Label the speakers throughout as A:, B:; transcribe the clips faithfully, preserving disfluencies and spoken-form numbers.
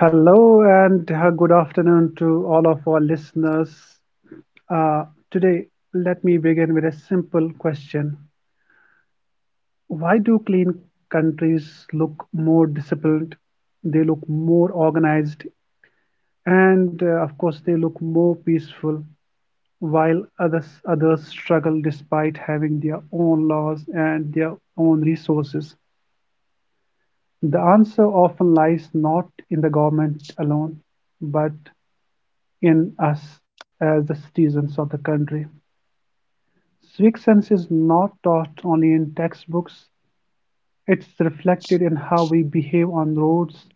A: Hello and uh, good afternoon to all of our listeners. Uh, today, let me begin with a simple question. Why do clean countries look more disciplined? They look more organized, and uh, of course, they look more peaceful, while others, others struggle despite having their own laws and their own resources. The answer often lies not in the government alone, but in us as the citizens of the country. Civic sense is not taught only in textbooks, it's reflected in how we behave on roads,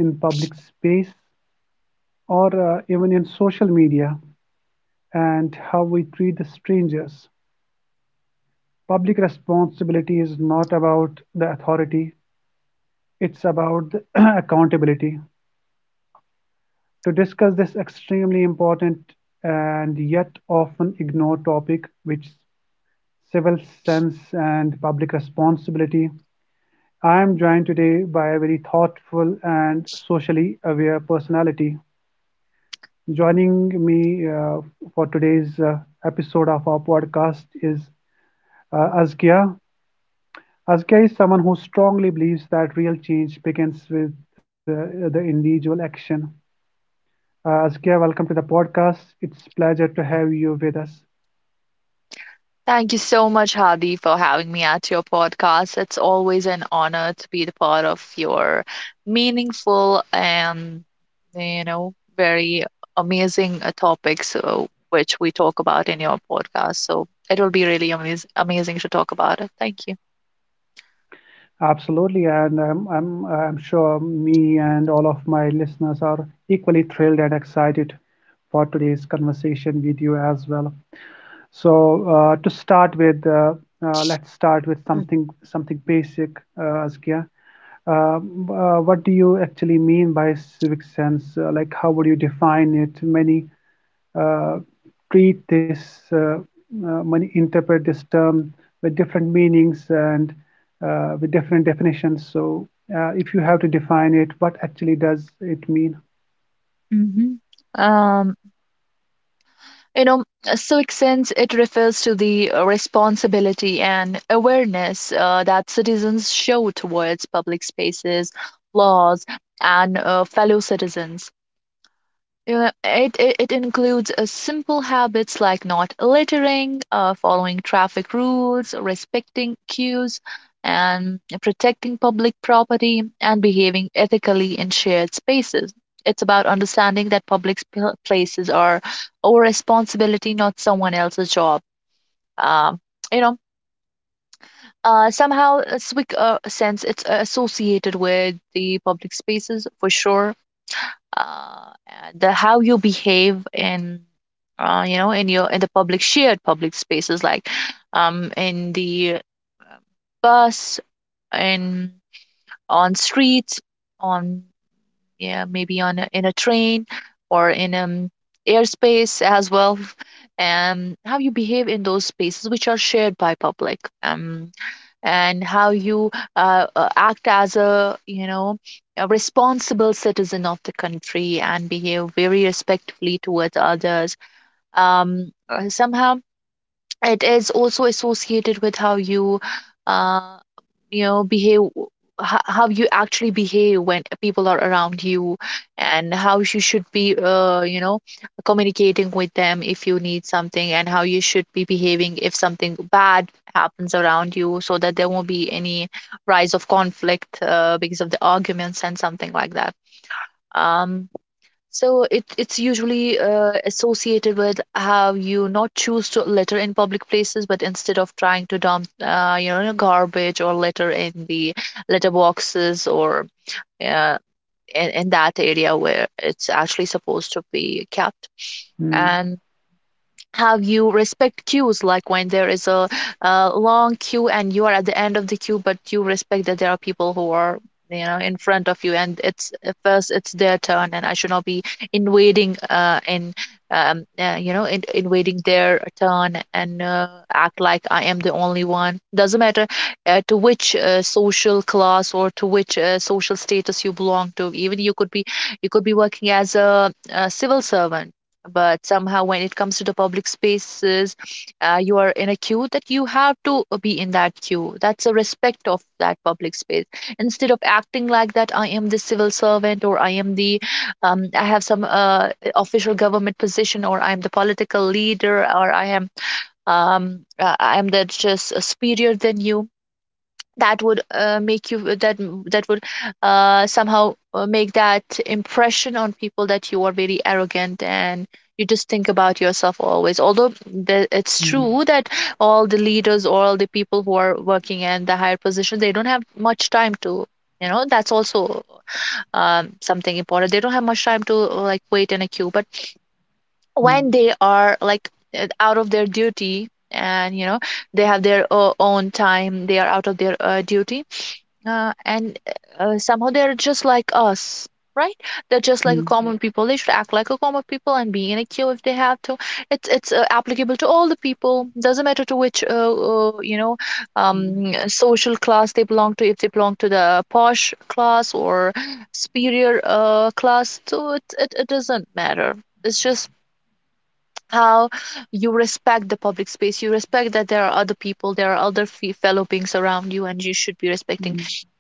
A: in public space, or uh, even in social media, and how we treat the strangers. Public responsibility is not about the authority, it's about the accountability. To discuss this extremely important and yet often ignored topic, which civil sense and public responsibility. I am joined today by a very thoughtful and socially aware personality. Joining me uh, for today's uh, episode of our podcast is uh, Azkia. Azkia is someone who strongly believes that real change begins with uh, the individual action. Uh, Azkia, welcome to the podcast. It's a pleasure to have you with us.
B: Thank you so much, Hadi, for having me at your podcast. It's always an honor to be the part of your meaningful and, you know, very amazing uh, topics so, which we talk about in your podcast. So it will be really amaz- amazing to talk about it. Thank you.
A: Absolutely, and I'm, I'm, I'm sure me and all of my listeners are equally thrilled and excited for today's conversation with you as well. So, uh, to start with, uh, uh, let's start with something something basic, uh, Askia. Uh, uh, what do you actually mean by civic sense? Uh, like, how would you define it? Many uh, treat this uh, uh, money, interpret this term with different meanings and uh, with different definitions. So, uh, if you have to define it, what actually does it mean?
B: Mm-hmm. Um, You know, uh, civic sense, it refers to the uh, responsibility and awareness uh, that citizens show towards public spaces, laws, and uh, fellow citizens. You know, it, it, it includes uh, simple habits like not littering, uh, following traffic rules, respecting queues, and protecting public property, and behaving ethically in shared spaces. It's about understanding that public sp- places are our responsibility, not someone else's job. Um, you know, uh, somehow, uh, Swick uh, sense it's associated with the public spaces for sure, uh, the how you behave in, uh, you know, in your in the public shared public spaces like, um, in the bus, in, on streets, on, yeah, maybe on a, in a train, or in um airspace as well, and how you behave in those spaces which are shared by public, um and how you uh, uh, act as a, you know, a responsible citizen of the country and behave very respectfully towards others. Um, uh, somehow it is also associated with how you uh, you know behave, ho- how you actually behave when people are around you and how you should be uh, you know communicating with them if you need something, and how you should be behaving if something bad happens around you so that there won't be any rise of conflict uh, because of the arguments and something like that. um so, it, it's usually uh, associated with how you not choose to litter in public places, but instead of trying to dump, uh, you know, garbage or litter in the litter boxes or uh, in, in that area where it's actually supposed to be kept.
A: Mm,
B: And have you respect queues, like when there is a, a long queue and you are at the end of the queue but you respect that there are people who are, you know, in front of you, and it's uh, first it's their turn, and I should not be invading uh in um uh, you know, in, invading their turn, and uh, act like I am the only one. Doesn't matter uh, to which uh, social class or to which uh, social status you belong to. Even you could be, you could be working as a, a civil servant, but somehow when it comes to the public spaces, uh, you are in a queue that you have to uh, be in that queue. That's a respect of that public space, instead of acting like that I am the civil servant or I am the, um, I have some uh, official government position, or I am the political leader, or I am, um, uh, I am the just uh, superior than you. That would uh, make you that, that would uh, somehow uh, make that impression on people that you are very arrogant and you just think about yourself always, although the, it's
A: mm,
B: true that all the leaders or all the people who are working in the higher position, they don't have much time to, you know, that's also, um, something important. They don't have much time to uh, like wait in a queue, but when
A: mm,
B: they are like uh, out of their duty, and you know, they have their uh, own time, they are out of their uh, duty, uh, and uh, somehow they're just like us, right? They're just
A: mm,
B: like a, yeah,
A: mm,
B: common people. They should act like a common people and be in a queue if they have to. It's it's uh, applicable to all the people. Doesn't matter to which uh, uh, you know, um, uh, social class they belong to. If they belong to the posh class or superior uh, class, so it it, it doesn't matter. It's just how you respect the public space. You respect that there are other people, there are other fe- fellow beings around you, and you should be respecting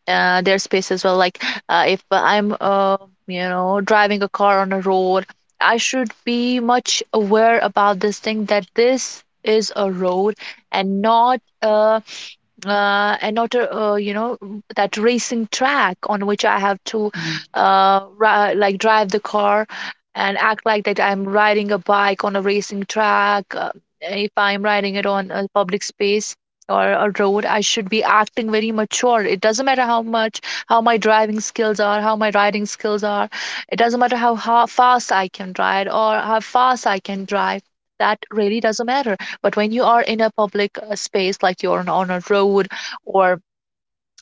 B: uh, their space as well. Like uh, if I'm uh, you know, driving a car on a road, I should be much aware about this thing, that this is a road and not a, uh, another, uh, you know m- that racing track on which I have to
A: mm, mm,
B: uh, ri like drive the car, and act like that I'm riding a bike on a racing track. Uh, if I'm riding it on a public space or a road, I should be acting very mature. It doesn't matter how much, how my driving skills are, how my riding skills are. It doesn't matter how, how fast I can ride or how fast I can drive. That really doesn't matter, but when you are in a public uh, space, like you're on, on a road, or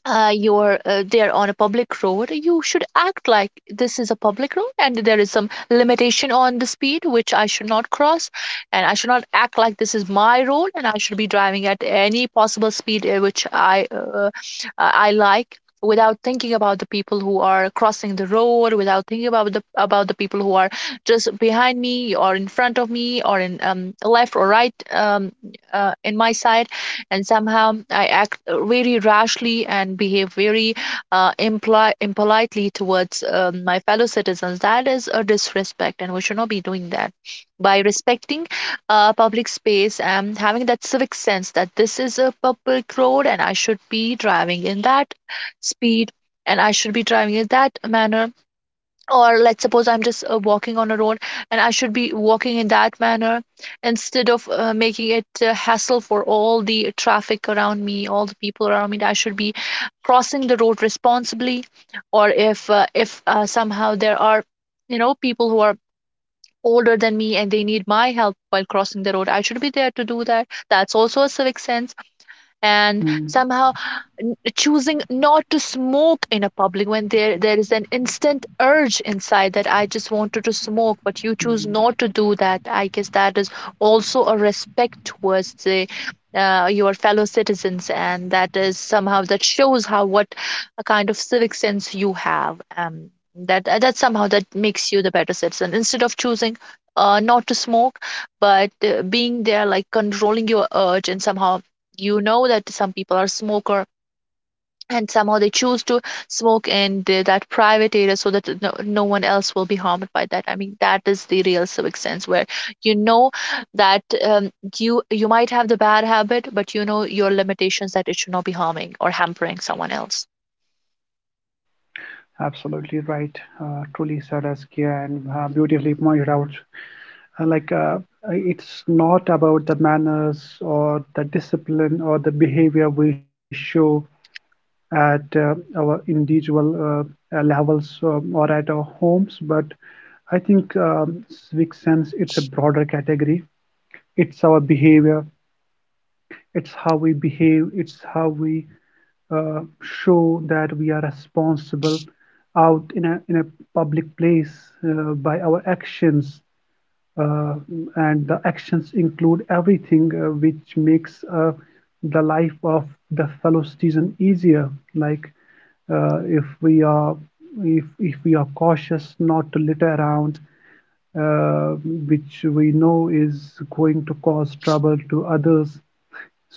B: uh, you're uh, there on a public road, you should act like this is a public road and there is some limitation on the speed which I should not cross, and I should not act like this is my road and I should be driving at any possible speed uh, which I uh, uh, I like, without thinking about the people who are crossing the road, without thinking about the, about the people who are just behind me or in front of me or in um, left or right, um, uh, in my side, and somehow I act very rashly and behave very uh, impli- impolitely towards um, my fellow citizens. That is a disrespect, and we should not be doing that. By respecting uh, public space and having that civic sense that this is a public road and I should be driving in that speed and I should be driving in that manner. Or let's suppose I'm just uh, walking on a road, and I should be walking in that manner instead of uh, making it a hassle for all the traffic around me, all the people around me. I should be crossing the road responsibly. Or if uh, if uh, somehow there are, you know, people who are older than me and they need my help while crossing the road, I should be there to do that. That's also a civic sense. And
A: mm,
B: somehow n- choosing not to smoke in a public when there there is an instant urge inside that I just wanted to smoke, but you choose
A: mm.
B: not to do that. I guess that is also a respect towards the uh, your fellow citizens, and that is somehow, that shows how, what a kind of civic sense you have. Um, that uh, that somehow that makes you the better citizen. Instead of choosing uh, not to smoke, but uh, being there like controlling your urge, and somehow you know that some people are smoker and somehow they choose to smoke in the, that private area so that no, no one else will be harmed by that. I mean, that is the real civic sense, where you know that, um, you, you might have the bad habit but you know your limitations, that it should not be harming or hampering someone else.
A: Absolutely right. Uh, truly said, Askia, and uh, beautifully pointed out. Uh, like, uh, it's not about the manners or the discipline or the behavior we show at uh, our individual uh, uh, levels um, or at our homes, but I think um, civic sense it's a broader category. It's our behavior. It's how we behave. It's how we uh, show that we are responsible out in a in a public place uh, by our actions uh, and the actions include everything uh, which makes uh, the life of the fellow citizen easier like uh, if we are if, if we are cautious not to litter around uh, which we know is going to cause trouble to others,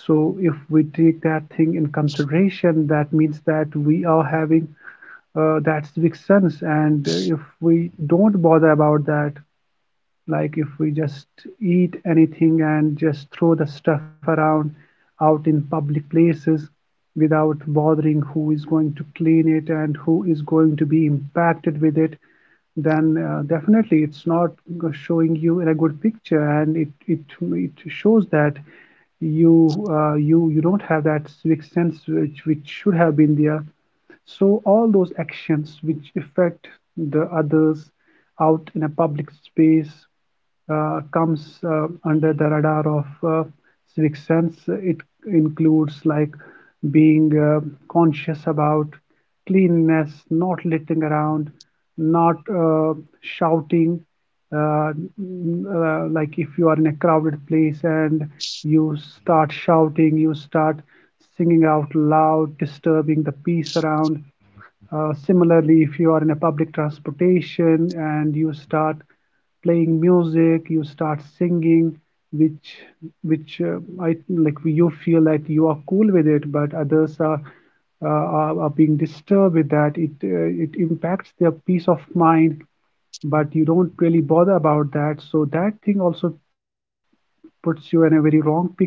A: so if we take that thing in consideration that means that we are having uh, that civic sense, and if we don't bother about that, like if we just eat anything and just throw the stuff around out in public places without bothering who is going to clean it and who is going to be impacted with it, then uh, definitely it's not showing you in a good picture, and it it it shows that you uh, you you don't have that civic sense which which should have been there. So all those actions which affect the others out in a public space uh, comes uh, under the radar of uh, civic sense. It includes like being uh, conscious about cleanliness, not littering around, not uh, shouting, uh, uh, like if you are in a crowded place and you start shouting, you start singing out loud, disturbing the peace around. Uh, similarly, if you are in a public transportation and you start playing music, you start singing, which which uh, I like you feel that you are cool with it, but others are uh, are, are being disturbed with that. It uh, it impacts their peace of mind, but you don't really bother about that. So that thing also puts you in a very wrong picture.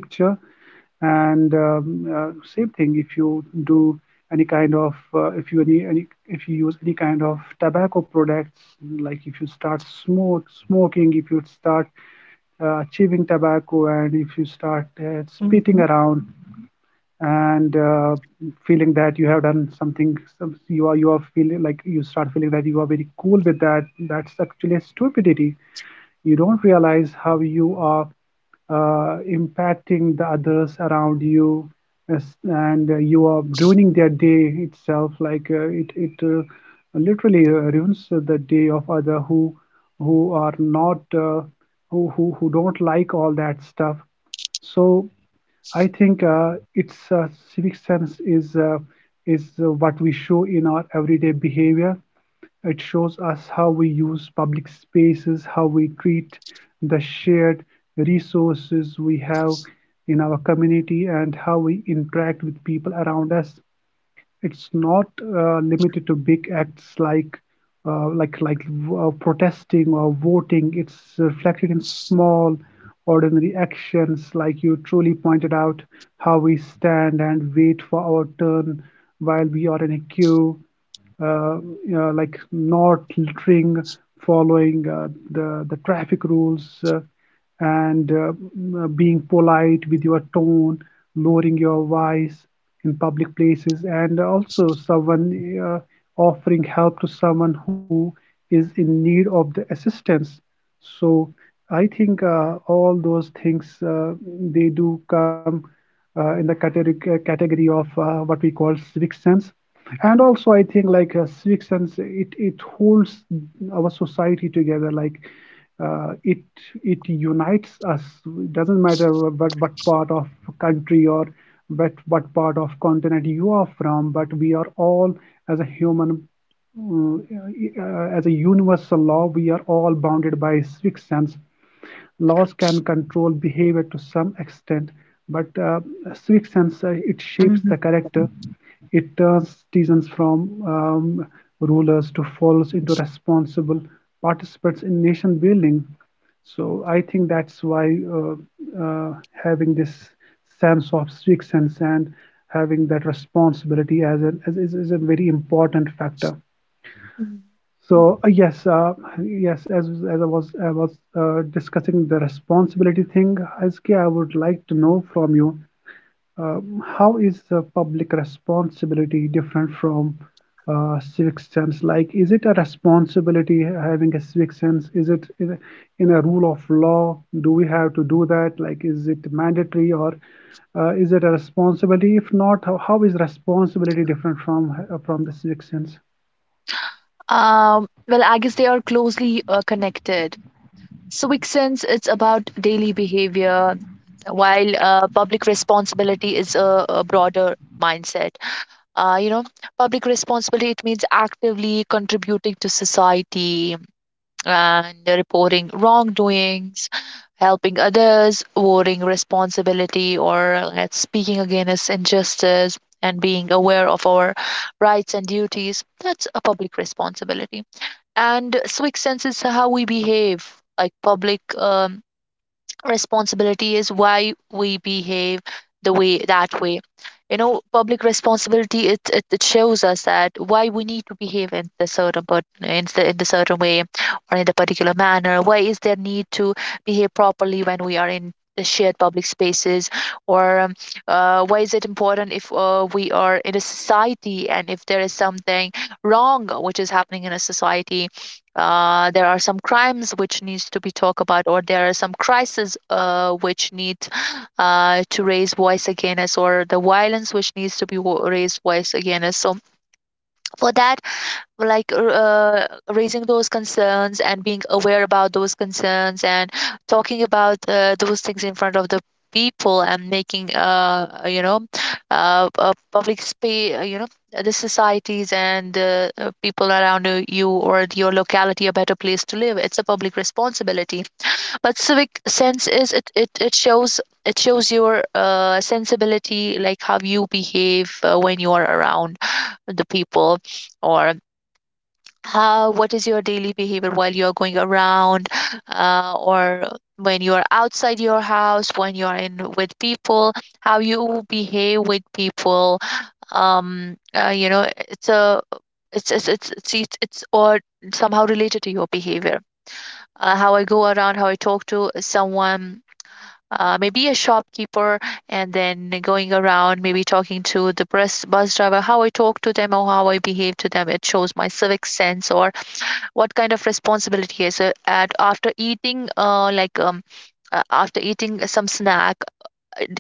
A: And um, uh, same thing if you do any kind of uh, if you any, any if you use any kind of tobacco products, like if you start smoke smoking, if you start uh, chewing tobacco, and if you start uh, spitting
B: Mm-hmm.
A: around, and uh, feeling that you have done something some, you are you are feeling like you start feeling that you are very cool with that, that's actually a stupidity. You don't realize how you are uh, impacting the others around you as- and uh, you are ruining their day itself, like uh, it it uh, literally uh, ruins the day of other who who are not uh, who, who who don't like all that stuff. So I think uh, it's uh, civic sense is uh, is uh, what we show in our everyday behavior. It shows us how we use public spaces, how we treat the shared resources we have in our community, and how we interact with people around us. It's not uh, limited to big acts like uh, like like uh, protesting or voting. It's reflected in small, ordinary actions, like you truly pointed out, how we stand and wait for our turn while we are in a queue, uh, you know, like not littering, following uh, the the traffic rules, uh, and uh, uh, being polite with your tone, lowering your voice in public places, and also someone uh, offering help to someone who is in need of the assistance. So I think uh, all those things uh, they do come uh, in the category uh, category of uh, what we call civic sense, and also I think like uh, civic sense it it holds our society together like. Uh, it it unites us. It doesn't matter what what part of country or what what part of continent you are from, but we are all as a human. Mm, uh, uh, as a universal law, we are all bounded by civic sense. Laws can control behavior to some extent, but uh, civic sense uh, it shapes
B: Mm-hmm.
A: the character. It turns citizens from um, rulers to followers into responsible participants in nation building. So I think that's why uh, uh, having this sense of civic sense and having that responsibility as an as, is, is a very important factor.
B: Mm.
A: So uh, yes, uh, yes, as as I was I was uh, discussing the responsibility thing, S K, I would like to know from you uh, how is uh, public responsibility different from uh, civic sense? Like, is it a responsibility having a civic sense? Is it in a, in a rule of law? Do we have to do that? Like, is it mandatory, or uh, is it a responsibility? If not, how, how is responsibility different from uh, from the civic sense?
B: Um well, I guess they are closely uh, connected. Civic sense, it's about daily behavior, while uh, public responsibility is a, a broader mindset. uh, you know public responsibility, it means actively contributing to society and reporting wrongdoings, helping others, voting responsibility, or let's, speaking against injustice and being aware of our rights and duties. That's a public responsibility. And civic sense is how we behave, like public um, responsibility is why we behave the way, that way. You know, public responsibility, it, it, it shows us that why we need to behave in the certain, but in the, in the certain way, or in the particular manner. Why is there need to behave properly when we are in the shared public spaces? Or um, uh, why is it important if uh, we are in a society, and if there is something wrong which is happening in a society, uh, there are some crimes which needs to be talked about, or there are some crises uh, which need uh, to raise voice against, or the violence which needs to be wo- raised voice against. So for that, like r- uh, raising those concerns and being aware about those concerns, and talking about uh, those things in front of the people, and making uh uh, you know uh, uh public space, uh, you know, the societies and uh, uh, people around uh, you, or your locality, a better place to live, it's a public responsibility. But civic sense is, it it, it shows, it shows your uh, sensibility, like how you behave uh, when you are around the people, or how, what is your daily behavior while you're going around, uh, or when you are outside your house when you are in with people. How you behave with people. um uh, you know it's a it's it's it's it's it's, it's or somehow related to your behavior. Uh, how I go around, how I talk to someone, uh, maybe a shopkeeper. And then going around, maybe talking to the bus bus driver, how I talk to them or how I behave to them, it shows my civic sense. Or what kind of responsibility is it? At After eating, uh, like, um uh, after eating some snack,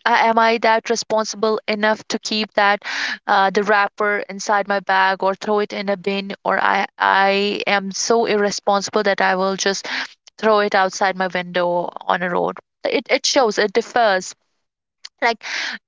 B: a- am I that responsible enough to keep that, uh, the wrapper inside my bag, or throw it in a bin? Or i i am so irresponsible that I will just throw it outside my window, on a road. It, it shows, it differs. Like,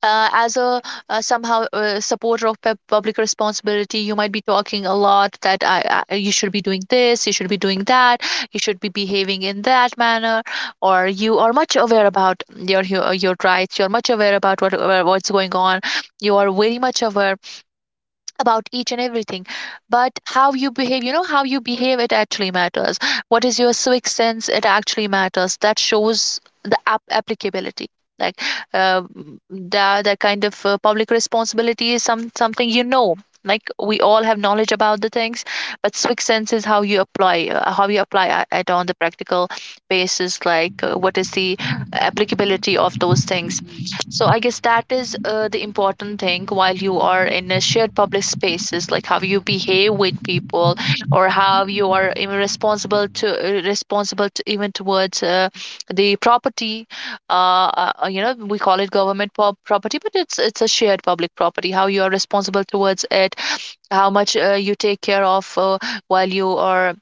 B: uh, as a, uh, somehow, uh, supporter of pub- public responsibility, you might be talking a lot that I, I you should be doing this, you should be doing that, you should be behaving in that manner. Or you are much aware about your hu- uh, your rights. You're much aware about what uh, what's going on. You are very much aware about each and everything. But how you behave, you know how you behave, it actually matters. What is your sixth sense? It actually matters. That shows the app applicability. Like, uh, that, that kind of, uh, public responsibility is some something, you know like we all have knowledge about the things, but sixth sense is how you apply, uh, how you apply a- it on the practical basis. Like, uh, what is the applicability of those things? So I guess that is, uh, the important thing while you are in a shared public spaces, like how you behave with people, or how you are even responsible to uh, responsible to even towards, uh, the property. Uh, uh, you know, we call it government pop property, but it's it's a shared public property. How you are responsible towards it, how much, uh, you take care of, uh, while you are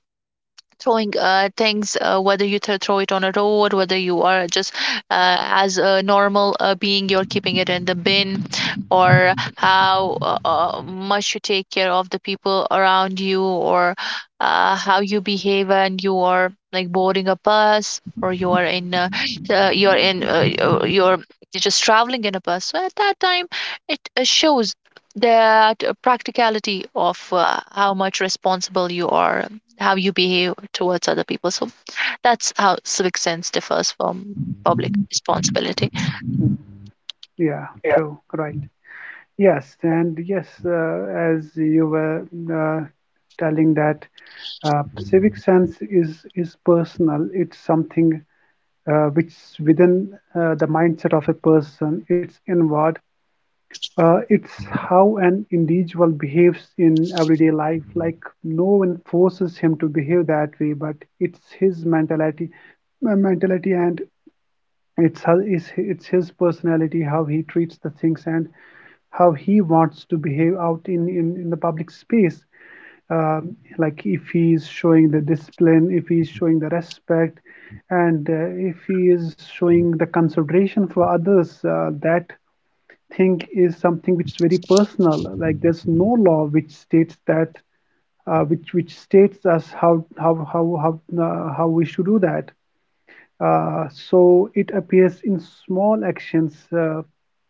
B: throwing, uh, things, uh, whether you th- throw it on a road, whether you are just, uh, as a normal, uh, being, you're keeping it in the bin, or how, uh, uh, much you take care of the people around you, or, uh, how you behave and you are like boarding a bus, or you are in, uh, uh, you are in, uh, uh, you're just traveling in a bus. So at that time, it, uh, shows that, uh, practicality of, uh, how much responsible you are, how you behave towards other people. So that's how civic sense differs from public responsibility.
A: Yeah, true, right. Yes, and yes, uh, as you were uh, telling that uh, civic sense is is personal. It's something uh, which within uh, the mindset of a person. It's inward. Uh, it's how an individual behaves in everyday life. Like no one forces him to behave that way, but it's his mentality, uh, mentality and it's his, it's it's his personality, how he treats the things, and how he wants to behave out in, in, in the public space. Um, like if he's showing the discipline, if he's showing the respect, and uh, if he is showing the consideration for others, uh, that thing is something which is very personal. Like there's no law which states that uh, which which states us how how how how uh, how we should do that. Uh, so it appears in small actions uh,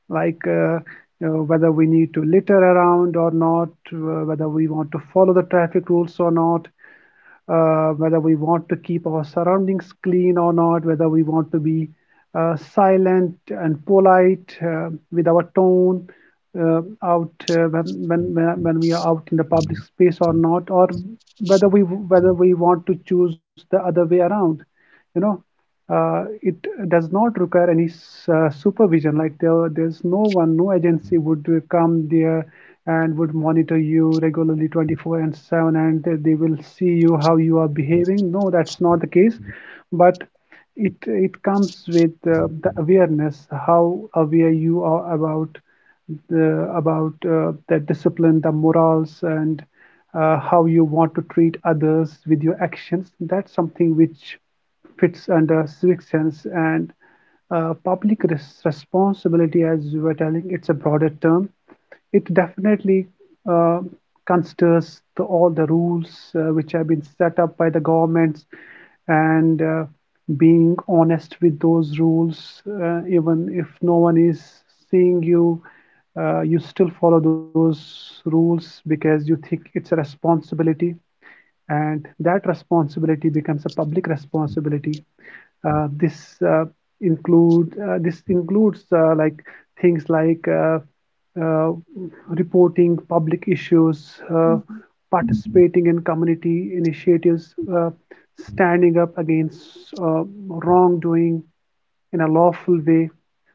A: like uh, you know, whether we need to litter around or not, uh, whether we want to follow the traffic rules or not, uh, whether we want to keep our surroundings clean or not, whether we want to be uh, silent and polite uh, with our tone uh, out uh, when, when when when we are out in the public space or not, or whether we whether we want to choose the other way around, you know uh, it does not require any s- uh, supervision. Like there, there's no one, no agency would uh, come there and would monitor you regularly twenty four seven, and they they will see you how you are behaving. No, that's not the case. But it it comes with uh, the awareness, how aware you are about the about uh, the discipline, the morals, and uh, how you want to treat others with your actions. That's something which fits under civic sense, and uh, public res- responsibility, as you were telling, it's a broader term. It definitely uh, considers the, all the rules uh, which have been set up by the governments, and uh, being honest with those rules, uh, even if no one is seeing you, uh, you still follow those rules because you think it's a responsibility, and that responsibility becomes a public responsibility. Uh, this uh, include uh, this includes uh, like things like uh, uh, reporting public issues, uh,
B: Mm-hmm.
A: participating in community initiatives, uh, standing up against uh, wrongdoing, in a lawful way.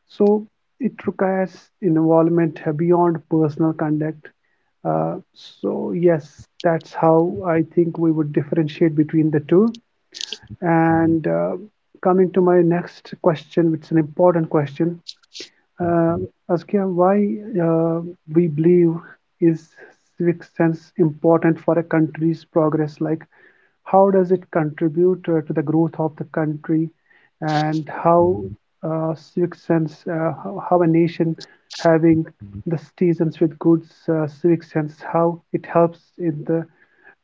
A: So it requires involvement beyond personal conduct. Uh, so yes, that's how I think we would differentiate between the two. And uh, Coming to my next question, which is an important question, uh, Askia, why uh, we believe is civic sense important for a country's progress? Like, how does it contribute uh, to the growth of the country and how uh, civic sense uh, how, how a nation having the citizens with good uh, civic sense, how it helps in the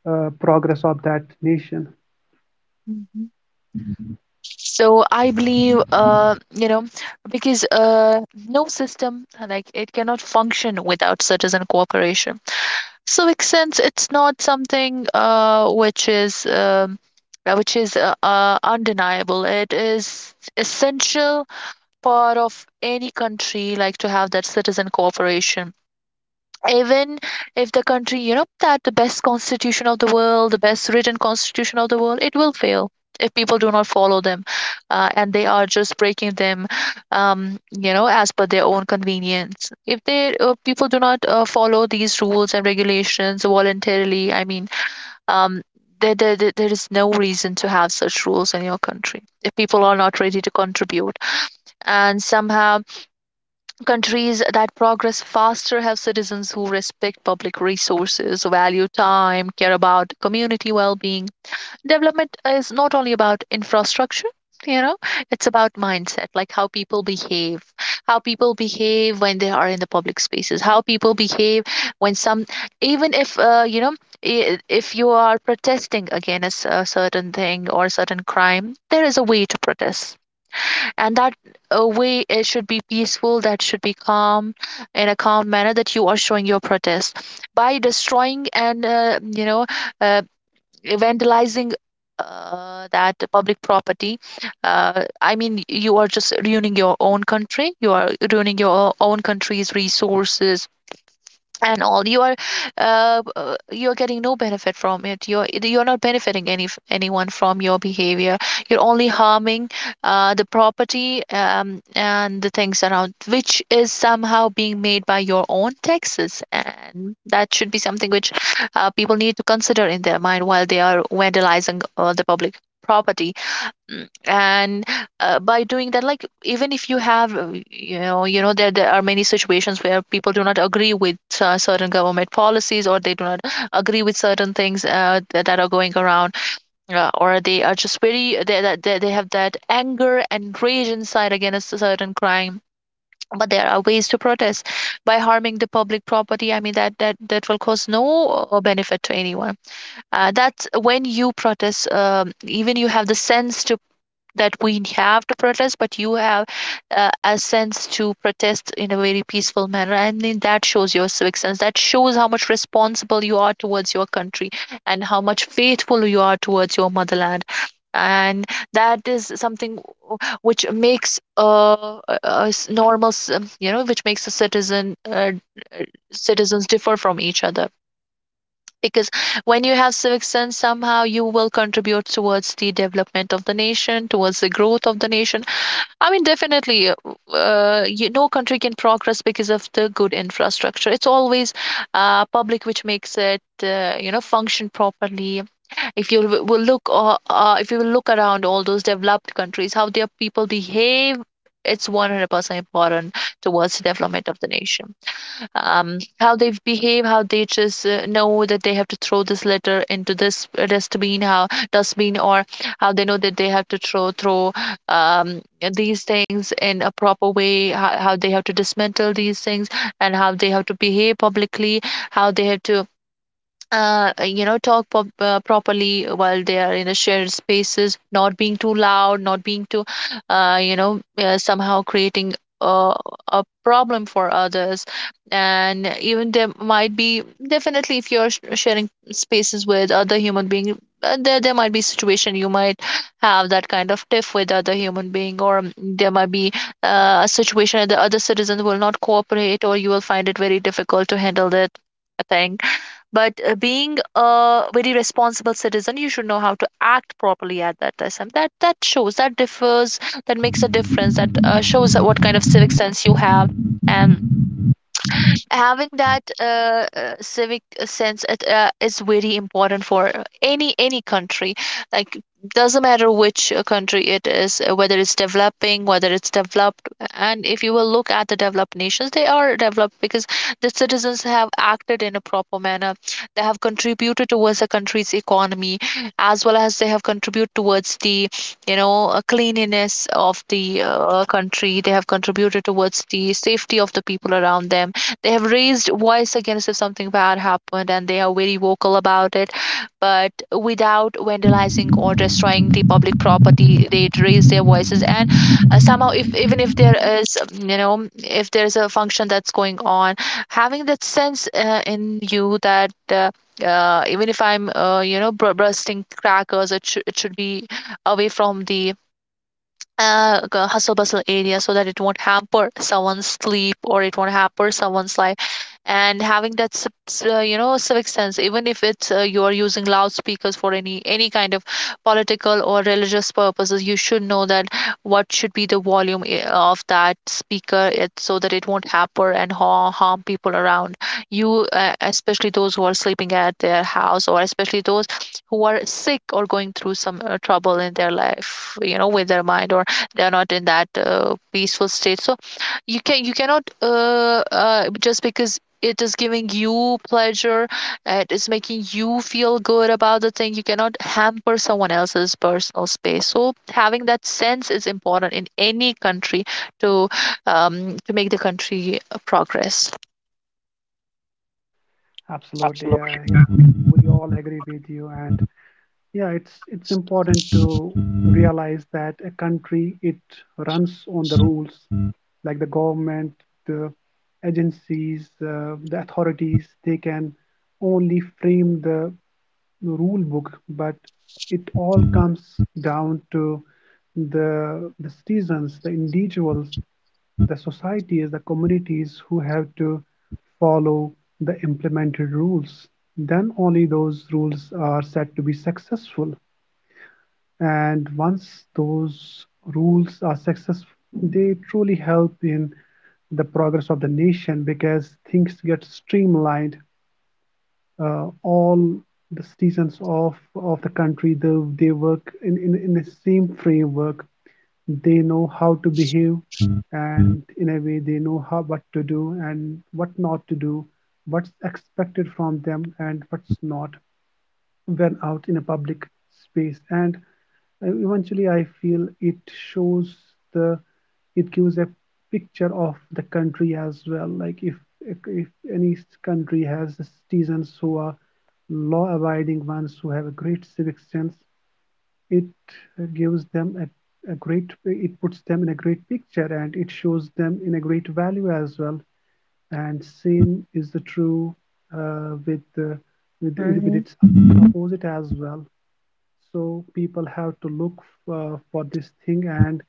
A: uh, progress of that nation.
B: Mm-hmm. So I believe, uh, you know, because, uh, no system, uh, like it cannot function without citizen cooperation. Civic sense, it's not something, uh, which is um, uh, which is, uh, uh, undeniable. It is essential part of any country, like to have that citizen cooperation. Even if the country, you know that the best constitution of the world, the best written constitution of the world, it will fail if people do not follow them. Uh, and they are just breaking them, um, you know as per their own convenience. If they, uh, people do not, uh, follow these rules and regulations voluntarily. I mean, um, there, there, there there is no reason to have such rules in your country if people are not ready to contribute, and somehow countries that progress faster have citizens who respect public resources, value time, care about community well being. Development is not only about infrastructure, you know, it's about mindset, like how people behave, how people behave when they are in the public spaces, how people behave when some, even if, uh, you know, i- if you are protesting against a certain thing or certain crime, there is a way to protest. And that, uh, way, it should be peaceful, that should be calm, in a calm manner that you are showing your protest, by destroying and, uh, you know uh, vandalizing, uh, that public property. Uh, I mean, you are just ruining your own country, you are ruining your own country's resources. And all, you are uh, uh, you're getting no benefit from it, you're you're not benefiting any anyone from your behavior. You're only harming, uh, the property, um, and the things around, which is somehow being made by your own taxes. And that should be something which, uh, people need to consider in their mind while they are vandalizing, uh, the public property. Mm, and, uh, by doing that, like, even if you have, uh, you know you know there, there are many situations where people do not agree with, uh, certain government policies, or they do not agree with certain things, uh, that, that are going around. Uh, or they are just very, they, that they, they have that anger and rage inside against a certain crime. But there are ways to protest. By harming the public property, I mean, that that that will cause no, uh, benefit to anyone. Uh, that's when you protest, um, even you have the sense to that we have to protest, but you have, uh, a sense to protest in a very peaceful manner, and then that shows your civic sense, that shows how much responsible you are towards your country, and how much faithful you are towards your motherland. And that is something which makes, uh, a normal c- you know which makes a citizen uh, uh, citizens differ from each other, because when you have civic sense, somehow you will contribute towards the development of the nation, towards the growth of the nation. I mean, definitely, uh, uh, you, no country can progress because of the good infrastructure. It's always, uh, public which makes it, uh, you know function properly. If you w- will look uh, uh, If you will look around all those developed countries, how their people behave, it's one hundred percent important towards the development of the nation. Um, how they behave, how they just, uh, know that they have to throw this litter into this dustbin, how dustbin, or how they know that they have to throw throw, um, these things in a proper way, how, how they have to dismantle these things, and how they have to behave publicly. How they have to, uh, uh, you know talk pop, uh, properly while they are in a shared spaces, not being too loud, not being too, uh, you know uh, somehow creating a, a problem for others. And even there might be, definitely, if you're sh- sharing spaces with other human being, uh, there, there might be situation. You might have that kind of tiff with other human being, or, um, there might be, uh, a situation that the other citizens will not cooperate, or you will find it very difficult to handle that thing. But, uh, being a very responsible citizen, you should know how to act properly at that time. That that shows, that differs, that makes a difference. That, uh, shows that what kind of civic sense you have. And having that, uh, uh, civic, uh, sense, it, uh, is very important for any any country, like, doesn't matter which, uh, country it is, uh, whether it's developing, whether it's developed. And if you will look at the developed nations, they are developed because the citizens have acted in a proper manner. They have contributed towards the country's economy, as well as they have contributed towards the, you know uh, cleanliness of the, uh, country. They have contributed towards the safety of the people around them. They have raised voice against if something bad happened, and they are very vocal about it. But without vandalizing or destroying the public property, they raise their voices. And, uh, somehow, if even if there is, you know, if there is a function that's going on, having that sense, uh, in you that. Uh, uh, even if I'm, uh, you know, bursting crackers, it, sh- it should be away from the, uh, g- hustle bustle area, so that it won't hamper someone's sleep or it won't hamper someone's life. And having that civ- s- uh, you know civic sense, even if it's uh, you are using loudspeakers for any any kind of political or religious purposes, you should know that what should be the volume i- of that speaker, it, so that it won't hamper and ha- harm people around you, uh, especially those who are sleeping at their house, or especially those who are sick or going through some, uh, trouble in their life, you know with their mind, or they are not in that, uh, peaceful state. So you can you cannot, uh, uh, just because it is giving you pleasure, it is making you feel good about the thing, you cannot hamper someone else's personal space. So having that sense is important in any country, to um, to make the country, uh, progress.
A: Absolutely, uh, you know, we all agree with you. And yeah, it's it's important to realize that a country, it runs on the rules, like the government, the agencies, uh, the authorities. They can only frame the rule book, but it all comes down to the the citizens, the individuals, the societies, the communities who have to follow the implemented rules. Then only those rules are said to be successful. And once those rules are successful, they truly help in the progress of the nation because things get streamlined. Uh, all the citizens of, of the country, they, they work in, in, in the same framework. They know how to behave, and in a way they know how what to do and what not to do, what's expected from them and what's not when out in a public space. And uh, eventually I feel it shows the, it gives a picture of the country as well. Like if if, if any country has citizens who are law abiding ones, who have a great civic sense, it uh, gives them a, a great, it puts them in a great picture and it shows them in a great value as well. And same is the true uh, with the with, with
B: Hmm.
A: its opposite as well. So people have to look uh, for this thing, and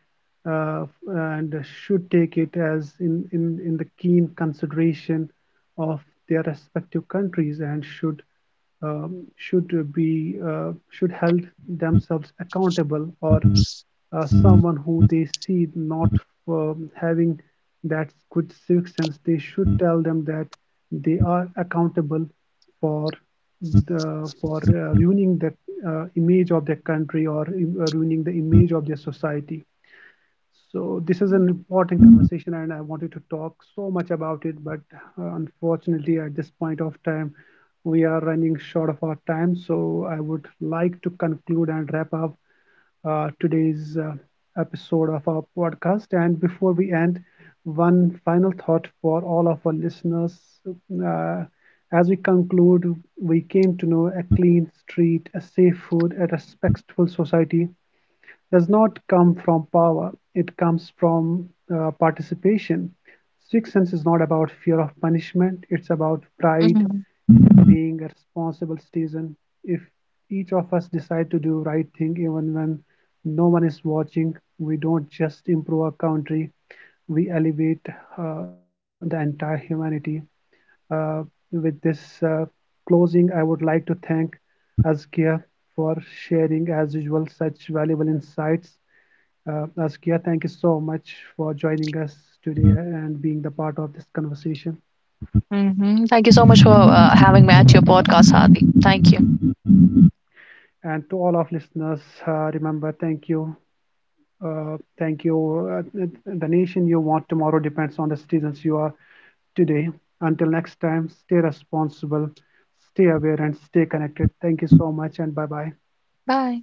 A: uh, and should take it as in, in, in the keen consideration of their respective countries, and should um, should uh, be uh, should held themselves accountable, or uh, someone who they see not um, having that good civic sense, they should tell them that they are accountable for the, for uh, ruining the uh, image of their country, or uh, ruining the image of their society. So this is an important conversation, and I wanted to talk so much about it, but uh, unfortunately, at this point of time, we are running short of our time. So I would like to conclude and wrap up uh, today's uh, episode of our podcast. And before we end, one final thought for all of our listeners. Uh, as we conclude, we came to know a clean street, a safe food, a respectful society does not come from power, it comes from uh, participation. Sixth sense is not about fear of punishment, it's about pride
B: Hmm.
A: being a responsible citizen. If each of us decide to do right thing even when no one is watching, we don't just improve our country, we elevate uh, the entire humanity. Uh, with this uh, closing, I would like to thank Azkia for sharing, as usual, such valuable insights. uh, Azkia, thank you so much for joining us today and being the part of this conversation.
B: Hmm. Thank you so much for, uh, having me at your podcast, Hardy. Thank you.
A: And to all of listeners, uh, remember, thank you. Uh, thank you. Uh, th- the nation you want tomorrow depends on the citizens you are today. Until next time, stay responsible, stay aware, and stay connected. Thank you so much, and bye bye.
B: Bye.